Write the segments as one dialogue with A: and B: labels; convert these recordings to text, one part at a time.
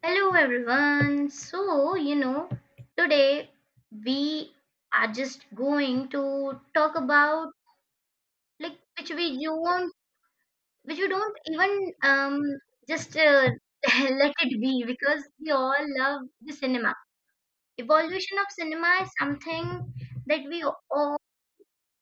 A: Hello everyone. So, today we are just going to talk about like which we you won't which you don't even um just let it be because we all love the cinema. Evolution of cinema is something that we all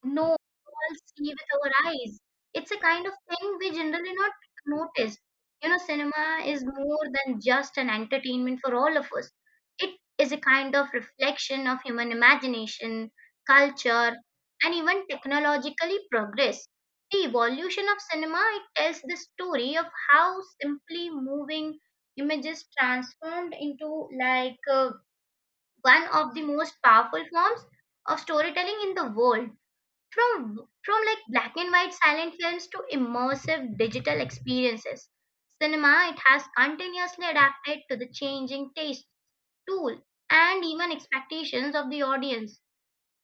A: no, we all see with our eyes. It's a kind of thing we generally not notice. Cinema is more than just an entertainment for all of us. It is a kind of reflection of human imagination, culture, and even technologically progress. The evolution of cinema, it tells the story of how simply moving images transformed into one of the most powerful forms of storytelling in the world from like black and white silent films to immersive digital experiences. Cinema, it has continuously adapted to the changing taste tool and even expectations of the audience.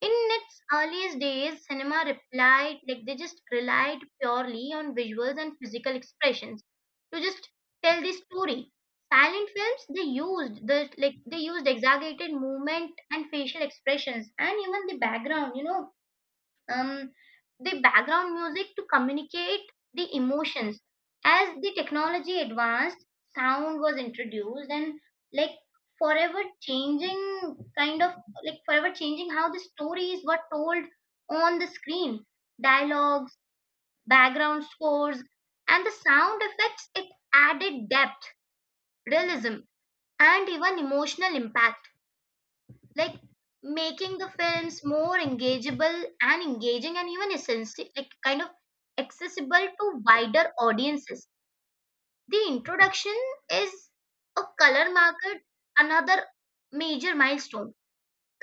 A: In its earliest days, cinema replied like they just relied purely on visuals and physical expressions to just tell the story. Silent films, they used exaggerated movement and facial expressions and even um, the background music to communicate the emotions. As the technology advanced, sound was introduced and like forever changing kind of like forever changing how the stories were told on the screen. Dialogues, background scores, and the sound effects, it added depth, realism, and even emotional impact, like making the films more engageable and engaging and even essentially, like, kind of accessible to wider audiences. The introduction is a color market, another major milestone.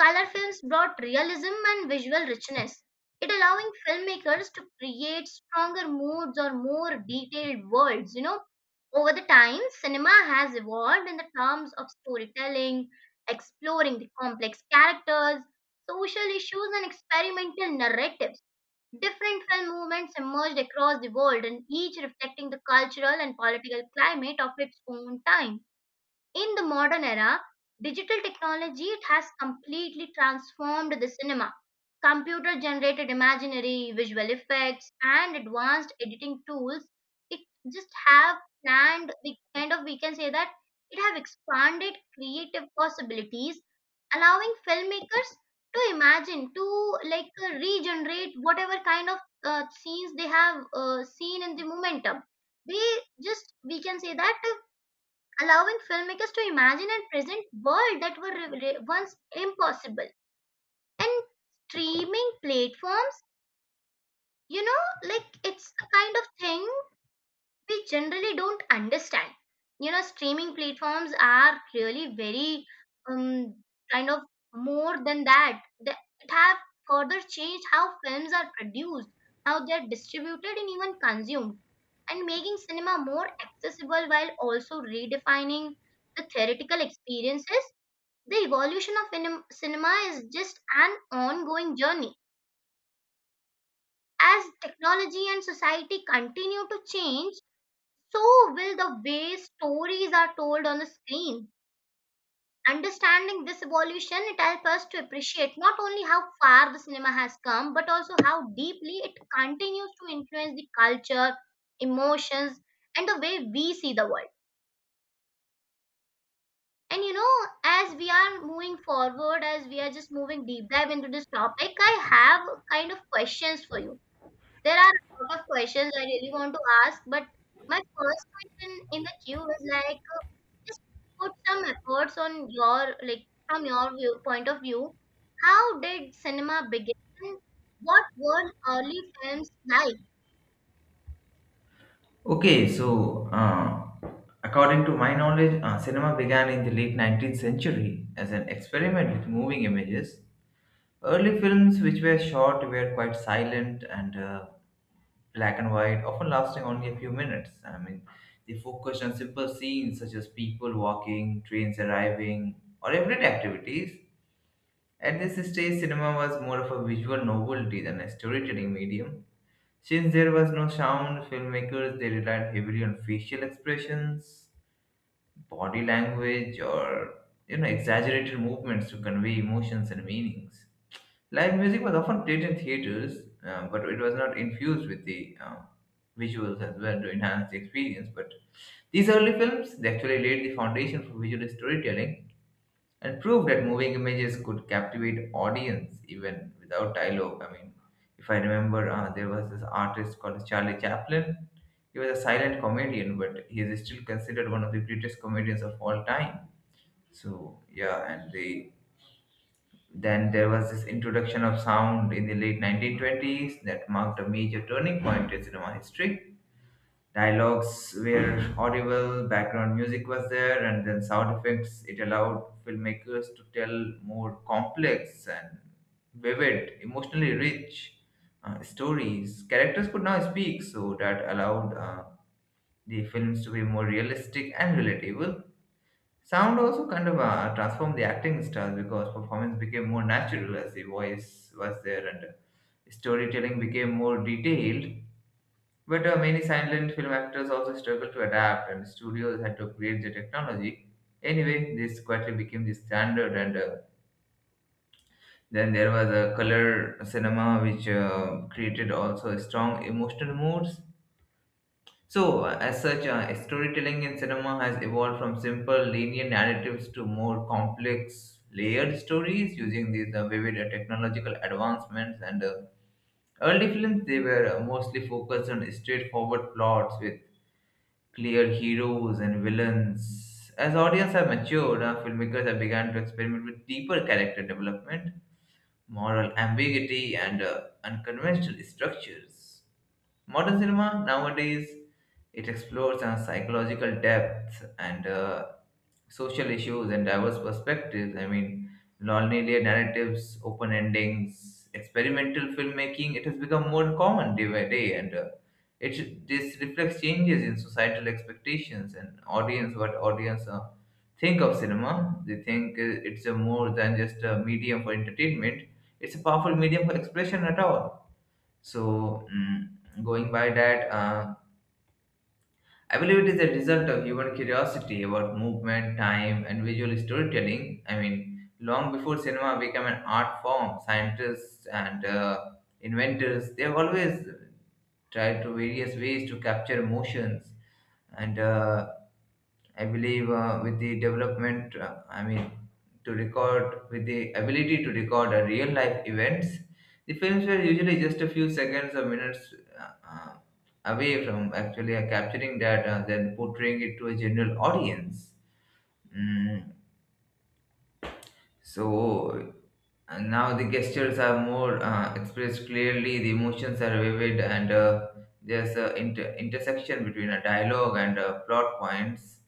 A: Color films brought realism and visual richness, it allowing filmmakers to create stronger moods or more detailed worlds. Over the time, cinema has evolved in the terms of storytelling, exploring the complex characters, social issues, and experimental narratives. Different film movements emerged across the world, and each reflecting the cultural and political climate of its own time. In the modern era, digital technology, it has completely transformed the cinema. Computer generated imaginary visual effects and advanced editing tools, it just have planned we kind of we can say that it have expanded creative possibilities, allowing filmmakers to imagine to regenerate whatever kind of scenes they have seen in the momentum. They, just we can say that allowing filmmakers to imagine and present worlds that were once impossible, and streaming platforms, you know like it's a kind of thing we generally don't understand. Streaming platforms are really very um, kind of more than that. They, it have further changed how films are produced, how they're distributed, and even consumed, and making cinema more accessible while also redefining the theoretical experiences. The evolution of cinema is just an ongoing journey. As technology and society continue to change, so will the way stories are told on the screen. Understanding this evolution, it helps us to appreciate not only how far the cinema has come, but also how deeply it continues to influence the culture, emotions, and the way we see the world. And as we are moving forward, as we are just moving deep dive into this topic, I have kind of questions for you. There are a lot of questions I really want to ask, but my first question in the queue is like, just put some efforts on your, like, from your view, point of view. How did cinema begin? What were early films like?
B: Okay, so according to my knowledge, cinema began in the late 19th century as an experiment with moving images. Early films which were shot were quite silent and black and white, often lasting only a few minutes. I mean, they focused on simple scenes such as people walking, trains arriving, or everyday activities. At this stage, cinema was more of a visual novelty than a storytelling medium. Since there was no sound, filmmakers they relied heavily on facial expressions, body language, or exaggerated movements to convey emotions and meanings. Live music was often played in theaters, but it was not infused with the visuals as well to enhance the experience. But these early films they actually laid the foundation for visual storytelling and prove that moving images could captivate audience even without dialogue. I mean, if I remember, there was this artist called Charlie Chaplin. He was a silent comedian, but he is still considered one of the greatest comedians of all time. So yeah, and they then there was this introduction of sound in the late 1920s that marked a major turning point in cinema history. Dialogues were audible, background music was there, and then sound effects. It allowed filmmakers to tell more complex and vivid, emotionally rich stories. Characters could now speak, so that allowed the films to be more realistic and relatable. Sound also kind of transformed the acting styles because performance became more natural as the voice was there, and storytelling became more detailed, but many silent film actors also struggled to adapt, and studios had to create the technology. Anyway, this quietly became the standard, and then there was a color cinema which created also strong emotional moods. So, as such, storytelling in cinema has evolved from simple linear narratives to more complex layered stories using these vivid technological advancements, and early films they were mostly focused on straightforward plots with clear heroes and villains. As audience have matured, our filmmakers have begun to experiment with deeper character development, moral ambiguity, and unconventional structures. Modern cinema nowadays, it explores a psychological depth and social issues and diverse perspectives. I mean, non-linear narratives, open endings, experimental filmmaking. It has become more common day by day, and it this reflects changes in societal expectations and audience. What audience think of cinema? They think it's a more than just a medium for entertainment. It's a powerful medium for expression at all, so going by that, I believe it is a result of human curiosity about movement, time, and visual storytelling. I mean, long before cinema became an art form, scientists and inventors they have always tried to various ways to capture emotions. And I believe with the development, I mean, to record with the ability to record a real life events, the films were usually just a few seconds or minutes away from actually capturing that and then portraying it to a general audience. Mm, so now the gestures are more expressed clearly, the emotions are vivid, and there's an intersection between a dialogue and plot points.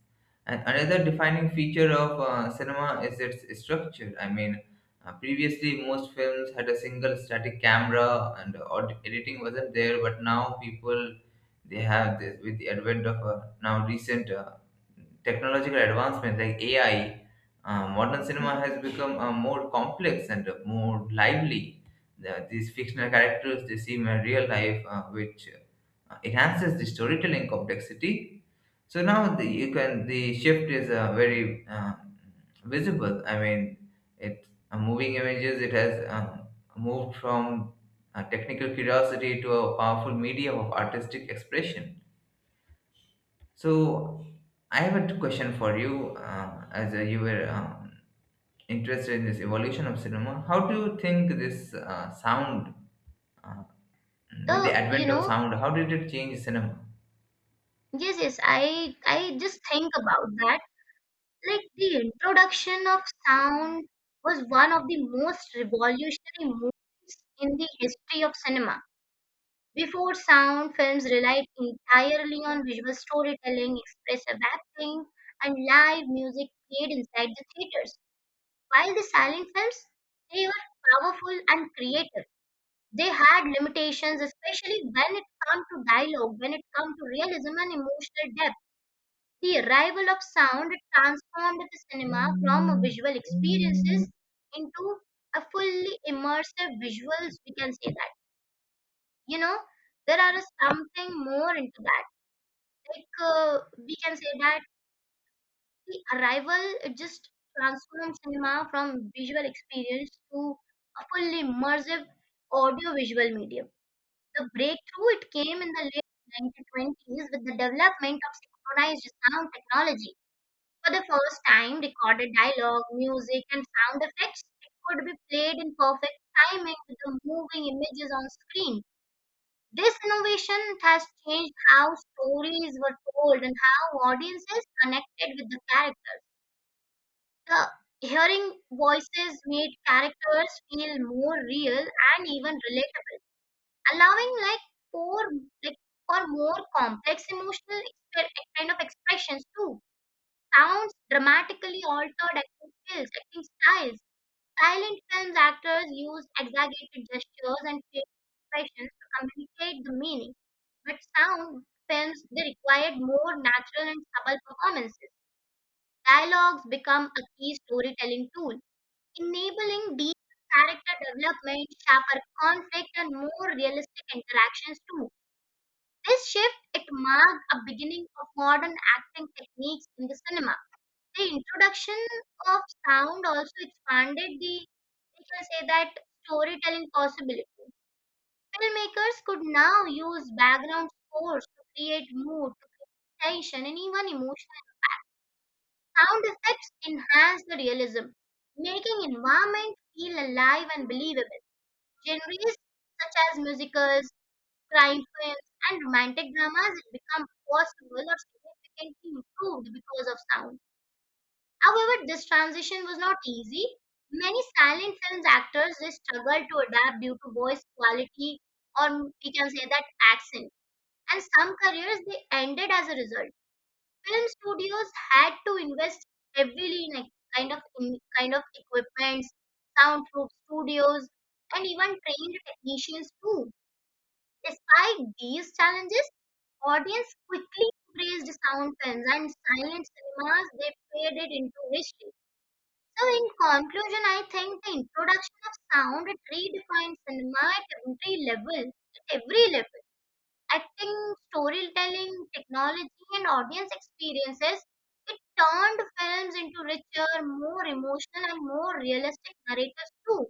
B: And another defining feature of cinema is its structure. I mean, previously most films had a single static camera and editing wasn't there, but now people they have this with the advent of now recent technological advancement like AI. Modern cinema has become more complex and more lively. These fictional characters they seem in real life, which enhances the storytelling complexity. So now you can the shift is very visible. I mean, it moving images. It has moved from technical curiosity to a powerful medium of artistic expression. So I have a question for you, as you were interested in this evolution of cinema. How do you think this sound, uh, with the
A: The, you
B: advent of
A: know,
B: sound, how did it change cinema?
A: yes, yes, I just think about that. Like, the introduction of sound was one of the most revolutionary moves in the history of cinema. Before sound, films relied entirely on visual storytelling, expressive acting, and live music played inside the theaters. While the silent films, they were powerful and creative. They had limitations, especially when it comes to dialogue, when it comes to realism and emotional depth. The arrival of sound transformed the cinema from a visual experiences into a fully immersive visuals. We can say that. You know, there are something more into that. like uh, we can say that the arrival, it just transforms cinema from visual experience to a fully immersive audio-visual medium. The breakthrough it came in the late 1920s with the development of synchronized sound technology. For the first time, recorded dialogue, music, and sound effects, it could be played in perfect timing with the moving images on screen. This innovation has changed how stories were told and how audiences connected with the characters. The hearing voices made characters feel more real and even relatable, allowing for like for more complex emotional expressions too. Sounds dramatically altered acting styles. Silent films actors used exaggerated gestures and facial expressions to communicate the meaning, but sound films, they required more natural and subtle performances. Dialogues become a key storytelling tool, enabling deep character development, sharper conflict, and more realistic interactions too. This shift, it marked a beginning of modern acting techniques in the cinema. The introduction of sound also expanded the, we can say that storytelling possibilities. Filmmakers could now use background scores to create mood, to create tension, and even emotion. Sound effects enhance the realism, making environment feel alive and believable. Genres such as musicals, crime films, and romantic dramas become possible or significantly improved because of sound. However, this transition was not easy. Many silent films actors, they struggle to adapt due to voice quality, or we can say that accent. And some careers they ended as a result. Film studios had to invest heavily in a kind of equipments, soundproof studios, and even trained technicians too. Despite these challenges, audience quickly praised sound films, and silent cinemas, they faded into history. So, in conclusion, I think the introduction of sound, it redefined cinema at every level, acting, storytelling, technology, and audience experiences. It turned films into richer, more emotional, and more realistic narratives too.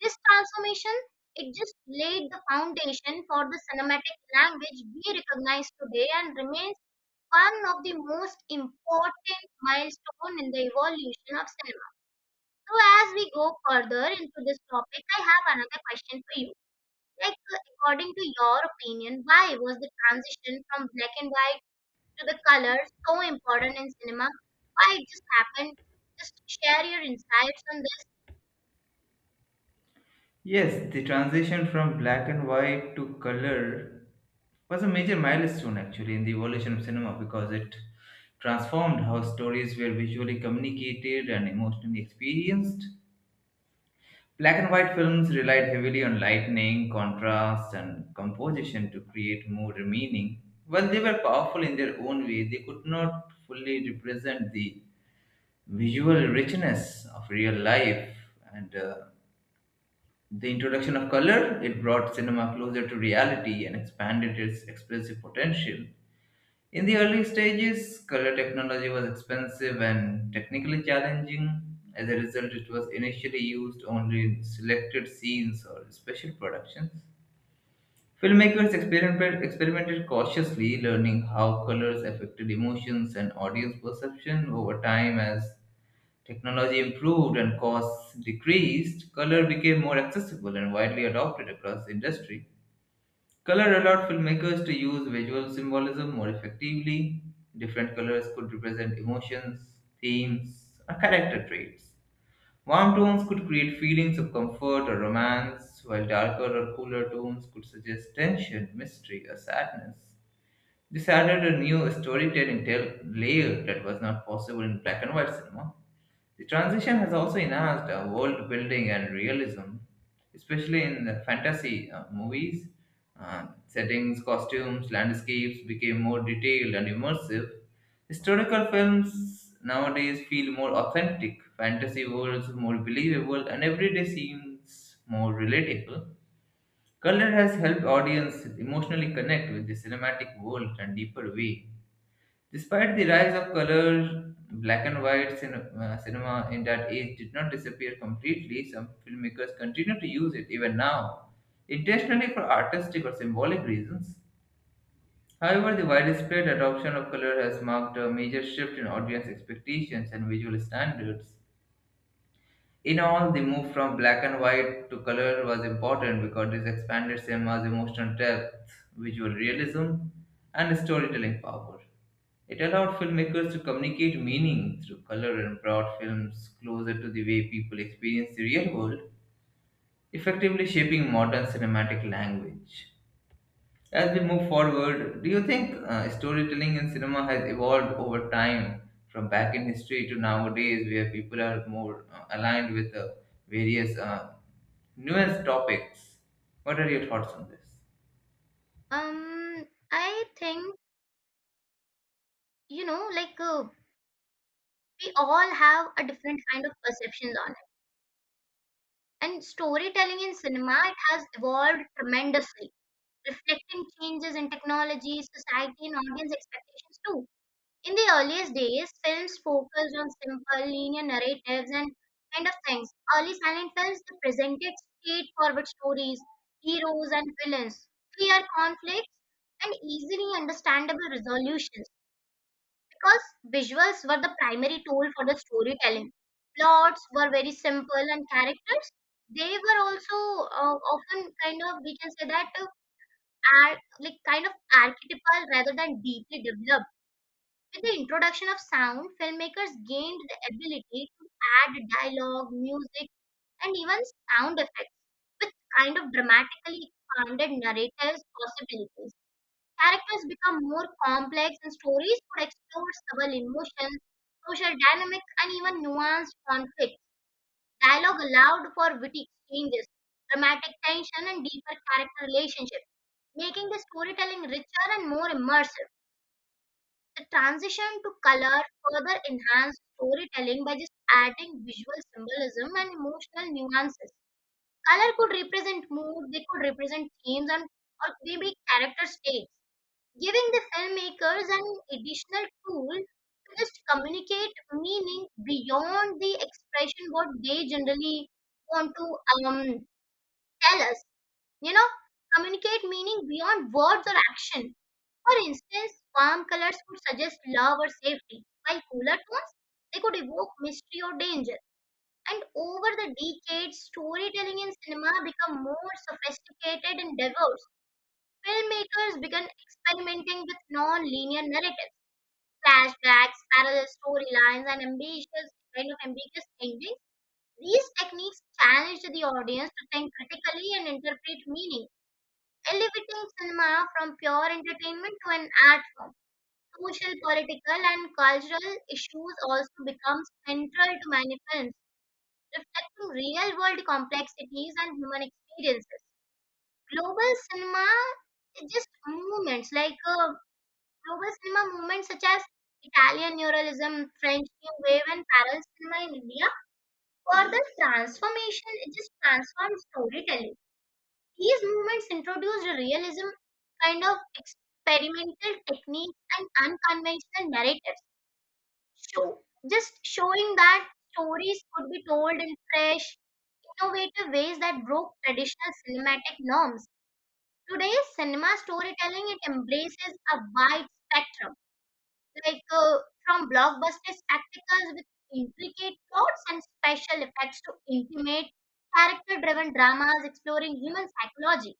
A: This transformation, it just laid the foundation for the cinematic language we recognize today, and remains one of the most important milestone in the evolution of cinema. So, as we go further into this topic, I have another question for you. Like, according to your opinion, why was the transition from black and white to the color so important in cinema? Why it just happened? Just share your insights on this.
B: Yes, the transition from black and white to color was a major milestone actually in the evolution of cinema because it transformed how stories were visually communicated and emotionally experienced. Black and white films relied heavily on lighting, contrast, and composition to create more meaning. While they were powerful in their own way, they could not fully represent the visual richness of real life, and the introduction of color, it brought cinema closer to reality and expanded its expressive potential. In the early stages, color technology was expensive and technically challenging. As a result, it was initially used only in selected scenes or special productions. Filmmakers experimented cautiously, learning how colors affected emotions and audience perception over time as technology improved and costs decreased. Color became more accessible and widely adopted across the industry. Color allowed filmmakers to use visual symbolism more effectively. Different colors could represent emotions, themes, or character traits. Warm tones could create feelings of comfort or romance, while darker or cooler tones could suggest tension, mystery, or sadness. This added a new storytelling layer that was not possible in black and white cinema. The transition has also enhanced world building and realism, especially in the fantasy movies. Settings, costumes, landscapes became more detailed and immersive. Historical films nowadays feel more authentic, fantasy worlds more believable, and everyday scenes more relatable. Color has helped audience emotionally connect with the cinematic world in a deeper way. Despite the rise of color, black and white cinema in that age did not disappear completely. Some filmmakers continue to use it even now, intentionally for artistic or symbolic reasons. However, the widespread adoption of color has marked a major shift in audience expectations and visual standards. In all, the move from black and white to color was important because this expanded cinema's emotional depth, visual realism, and storytelling power. It allowed filmmakers to communicate meaning through color and brought films closer to the way people experience the real world, effectively shaping modern cinematic language. As we move forward, do you think storytelling in cinema has evolved over time from back in history to nowadays, where people are more aligned with various nuanced topics? What are your thoughts on this?
A: Um, I think, you know, like uh, we all have a different kind of perceptions on it, and storytelling in cinema, it has evolved tremendously, reflecting changes in technology, society, and audience expectations too. In the earliest days, films focused on simple, linear narratives and kind of things. Early silent films, they presented straightforward stories, heroes and villains, clear conflicts, and easily understandable resolutions, because visuals were the primary tool for the storytelling. Plots were very simple, and characters, they were also often kind of, we can say that, archetypal rather than deeply developed. With the introduction of sound, filmmakers gained the ability to add dialogue, music, and even sound effects, which kind of dramatically expanded narratives' possibilities. Characters become more complex, and stories could explore subtle emotions, social dynamics, and even nuanced conflicts. Dialogue allowed for witty exchanges, dramatic tension, and deeper character relationships, making the storytelling richer and more immersive. The transition to color further enhanced storytelling by just adding visual symbolism and emotional nuances. Color could represent mood, they could represent themes, and or maybe character stakes, giving the filmmakers an additional tool to just communicate meaning beyond the expression what they generally want to um, tell us. You know, Communicate meaning beyond words or action. For instance, warm colors could suggest love or safety, while cooler tones, they could evoke mystery or danger. And over the decades, storytelling in cinema became more sophisticated and diverse. Filmmakers began experimenting with non-linear narratives, flashbacks, parallel storylines, and ambitious kind of ambiguous endings. These techniques challenged the audience to think critically and interpret meaning, elevating cinema from pure entertainment to an art form. Social, political, and cultural issues also become central to Manipens, reflecting real world complexities and human experiences. Global cinema, is just movements like uh, global cinema movements such as Italian neorealism, French New Wave, and parallel cinema in India, for the transformation, it just transformed storytelling. These movements introduced realism, experimental techniques, and unconventional narratives, show showing that stories could be told in fresh, innovative ways that broke traditional cinematic norms. Today's cinema storytelling, it embraces a wide spectrum, like uh, from blockbuster spectacles with intricate plots and special effects to intimate, character driven dramas exploring human psychology.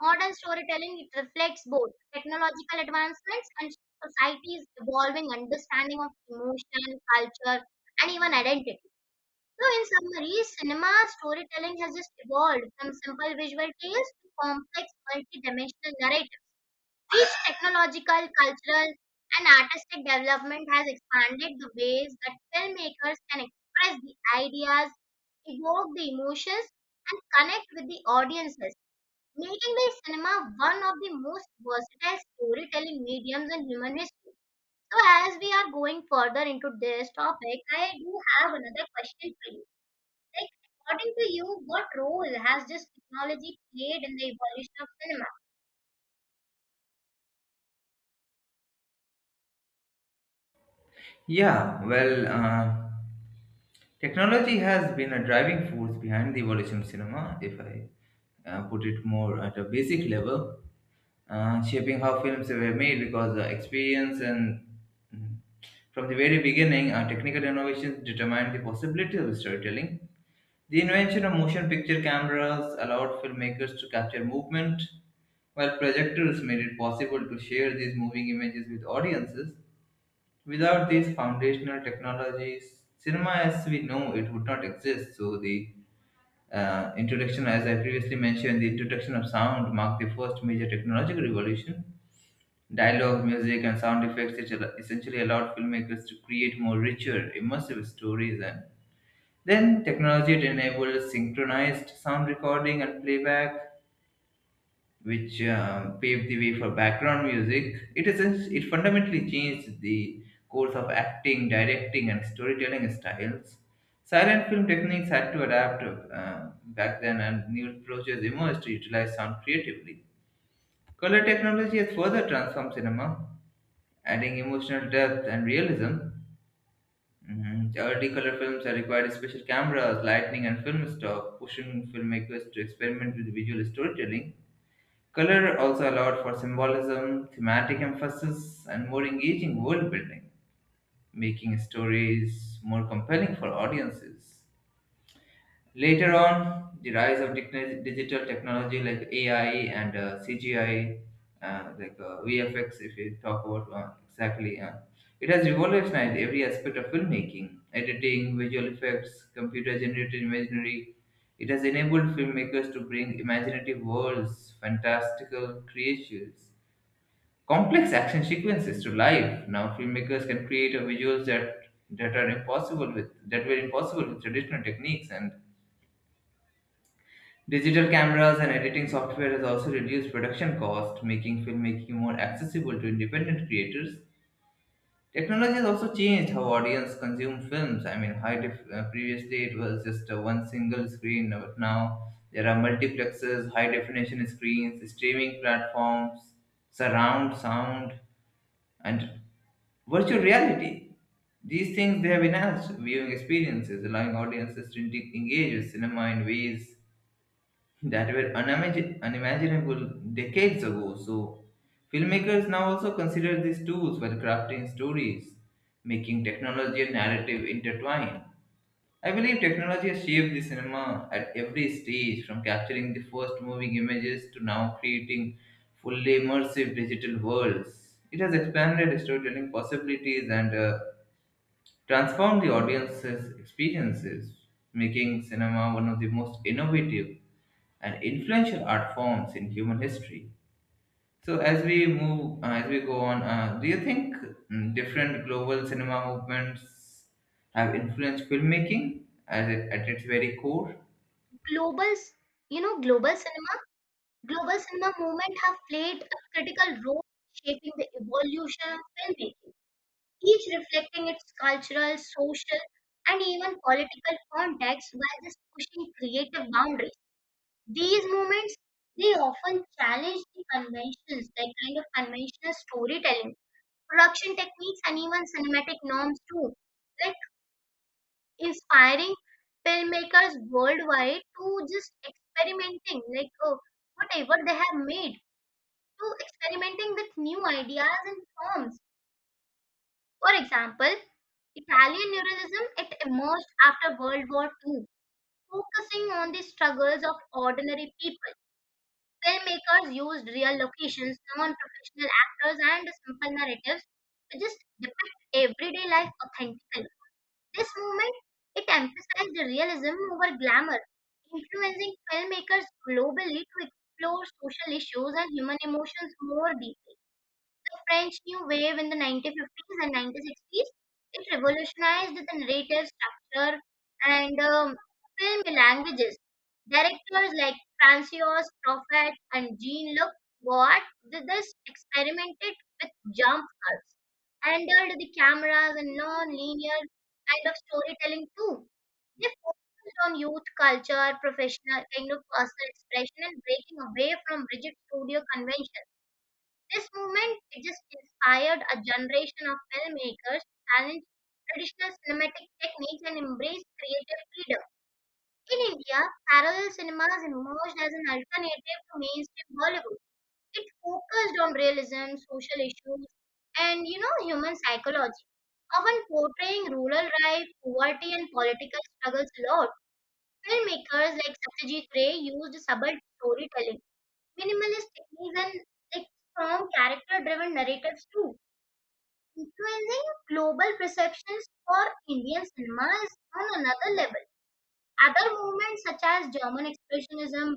A: Modern storytelling, it reflects both technological advancements and society's evolving understanding of emotion, culture, and even identity. So, in summary, cinema storytelling has just evolved from simple visual tales to complex, multi-dimensional narratives. Each technological, cultural, and artistic development has expanded the ways that filmmakers can express the ideas, evoke the emotions, and connect with the audiences, making the cinema one of the most versatile storytelling mediums in human history. So, as we are going further into this topic, I do have another question for you. Like, according to you, what role has this technology played in the evolution of cinema?
B: Yeah, well, technology has been a driving force behind the evolution of cinema, if I put it more at a basic level, shaping how films were made because experience and mm, from the very beginning, technical innovations determined the possibility of storytelling. The invention of motion picture cameras allowed filmmakers to capture movement, while projectors made it possible to share these moving images with audiences. Without these foundational technologies, cinema as we know it would not exist. So the introduction, as I previously mentioned, the introduction of sound marked the first major technological revolution. Dialogue, music, and sound effects which essentially allowed filmmakers to create more richer, immersive stories. And then technology it enabled synchronized sound recording and playback, which paved the way for background music. It fundamentally changed the course of acting, directing, and storytelling styles. Silent film techniques had to adapt back then, and new approaches emerged to utilize sound creatively. Color technology has further transformed cinema, adding emotional depth and realism. Mhm. The early color films had required special cameras, lighting, and film stock, pushing filmmakers to experiment with visual storytelling. Color also allowed for symbolism, thematic emphasis, and more engaging world building, making stories more compelling for audiences. Later on, the rise of digital technology like AI and CGI, like VFX, if you talk about exactly, it has revolutionized every aspect of filmmaking, editing, visual effects, computer generated imagery. It has enabled filmmakers to bring imaginative worlds, fantastical creatures, complex action sequences to life. Now filmmakers can create a visuals that were impossible with traditional techniques, and digital cameras and editing software has also reduced production cost, making filmmaking more accessible to independent creators. Technology has also changed how audience consume films. I mean, previously it was just one single screen, but now there are multiplexes, high definition screens, streaming platforms, surround sound, and virtual reality. These things they have enhanced viewing experiences, allowing audiences to engage with cinema in ways that were unimaginable decades ago. So, filmmakers now also consider these tools while crafting stories, making technology and narrative intertwine. I believe technology has shaped the cinema at every stage, from capturing the first moving images to now creating fully immersive digital worlds. It has expanded storytelling possibilities and transform the audience's experiences, making cinema one of the most innovative and influential art forms in human history. So, as we go on, do you think different global cinema movements have influenced filmmaking as it, at its very core?
A: Global, c- you know, global cinema movement have played a critical role in shaping the evolution of filmmaking, each reflecting its cultural, social, and even political context, while just pushing creative boundaries. These movements, they often challenge the conventions, like kind of conventional storytelling, production techniques, and even cinematic norms too, like inspiring filmmakers worldwide to just experimenting, like oh, whatever they have made, to experimenting with new ideas and forms. For example, Italian neorealism, it emerged after World War II, focusing on the struggles of ordinary people. Filmmakers used real locations, non-professional actors, and simple narratives to just depict everyday life authentically. This movement, it emphasized realism over glamour, influencing filmmakers globally to explore social issues and human emotions more deeply. The French New Wave in the 1950s and 1960s, it revolutionized the narrative structure and film languages. Directors like Francois Truffaut and Jean-Luc Godard did this, experimented with jump cuts, handled the cameras and non-linear kind of storytelling too. They focused on youth culture, professional kind of personal expression, and breaking away from rigid studio conventions. This movement just inspired a generation of filmmakers to challenge traditional cinematic techniques and embrace creative freedom. In India, parallel cinemas emerged as an alternative to mainstream Bollywood. It focused on realism, social issues, and, you know, human psychology, often portraying rural life, poverty, and political struggles a lot. Filmmakers like Satyajit Ray used subtle storytelling, minimalist techniques, and, like, strong character-driven narratives too, influencing global perceptions for Indian cinema is on another level. Other movements such as German Expressionism,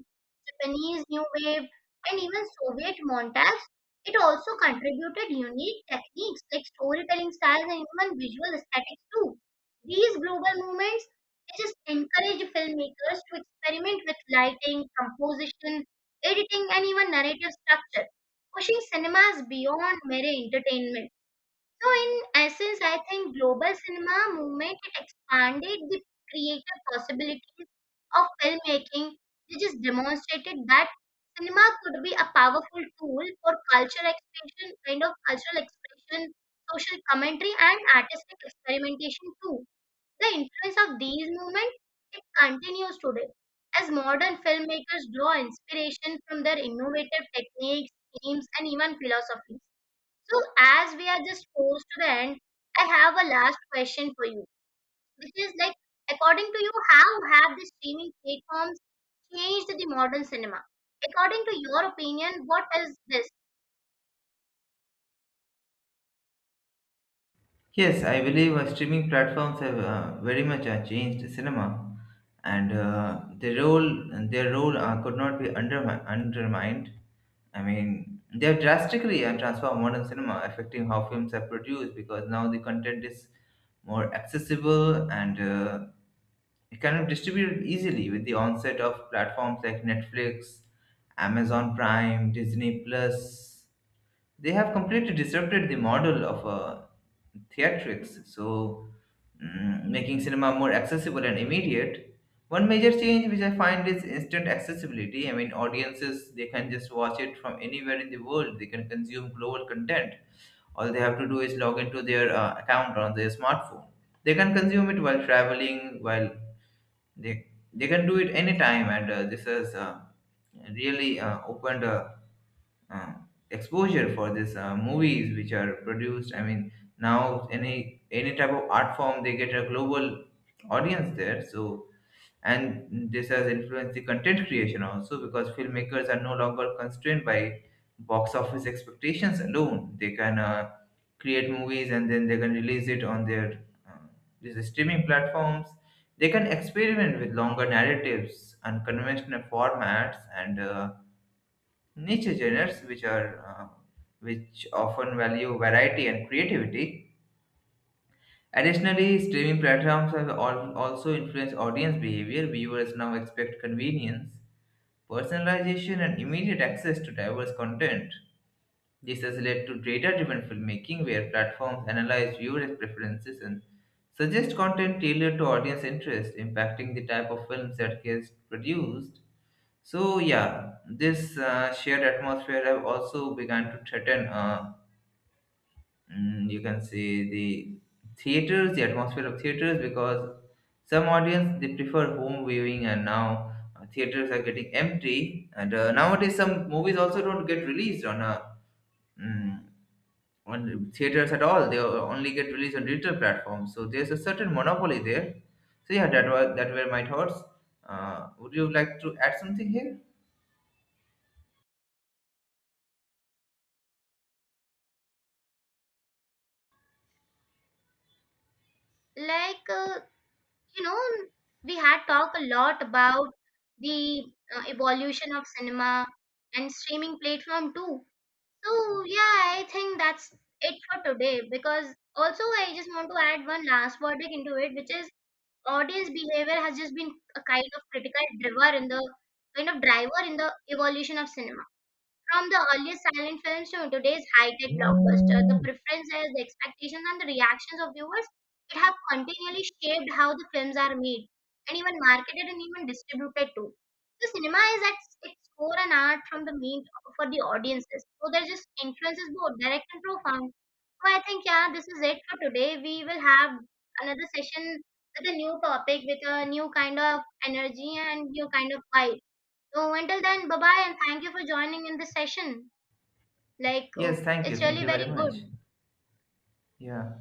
A: Japanese New Wave, and even Soviet montages, it also contributed unique techniques like storytelling styles and even visual aesthetics too. These global movements, they just encourage filmmakers to experiment with lighting, composition, editing, and even narrative structure, pushing cinemas beyond mere entertainment. So in essence, I think global cinema movement, it expanded the creative possibilities of filmmaking. They just demonstrated that cinema could be a powerful tool for cultural expression, kind of cultural expression, social commentary, and artistic experimentation too. The influence of these movements, it continues today as modern filmmakers draw inspiration from their innovative techniques, themes, and even philosophies. So, as we are just close to the end, I have a last question for you, which is like, according to you, how have the streaming platforms changed the modern cinema? According to your opinion, what is this?
B: Yes, I believe streaming platforms have very much changed cinema, and their role could not be undermined. I mean, they have drastically transformed modern cinema, affecting how films are produced because now the content is more accessible, and it can be distributed easily with the onset of platforms like Netflix, Amazon Prime, Disney Plus. They have completely disrupted the model of theatrics, so making cinema more accessible and immediate. One major change which I find is instant accessibility. I mean, audiences they can just watch it from anywhere in the world. They can consume global content. All they have to do is log into their account on their smartphone. They can consume it while traveling, while they they can do it anytime, and this has really opened a uh, exposure for this movies which are produced. I mean, now any type of art form they get a global audience there, so and this has influenced the content creation also, because filmmakers are no longer constrained by box office expectations alone. They can create movies and then they can release it on their these streaming platforms. They can experiment with longer narratives, unconventional formats, and niche genres which often value variety and creativity. Additionally, streaming platforms have also influenced audience behavior. Viewers now expect convenience, personalization, and immediate access to diverse content. This has led to data-driven filmmaking, where platforms analyze viewers' preferences and suggest content tailored to audience interest, impacting the type of films that gets produced. So yeah, this shared atmosphere have also begun to threaten. You can say the theaters, the atmosphere of theaters, because some audience they prefer home viewing, and now theaters are getting empty. And nowadays, some movies also don't get released on mm, on theaters at all. They only get released on digital platforms, so there's a certain monopoly there. So yeah, that were my thoughts. Uh, would you like to add something here?
A: Like, you know, we had talked a lot about the evolution of cinema and streaming platform too. So, yeah, I think that's it for today, because also I just want to add one last verdict into it, which is audience behavior has just been a kind of critical driver in the evolution of cinema. From the earliest silent films to today's high-tech blockbuster, the preferences, the expectations, and the reactions of viewers, it have continually shaped how the films are made and even marketed and even distributed too. So cinema is at its core an art from the mean for the audiences. So there just influences both direct and profound. So I think, yeah, this is it for today. We will have another session with a new topic, with a new kind of energy and new kind of vibe. So until then, bye bye, and thank you for joining in this session. Like,
B: Yes,
A: oh,
B: thank you,
A: it's
B: thank
A: really
B: you
A: very
B: very much.
A: good.
B: Yeah.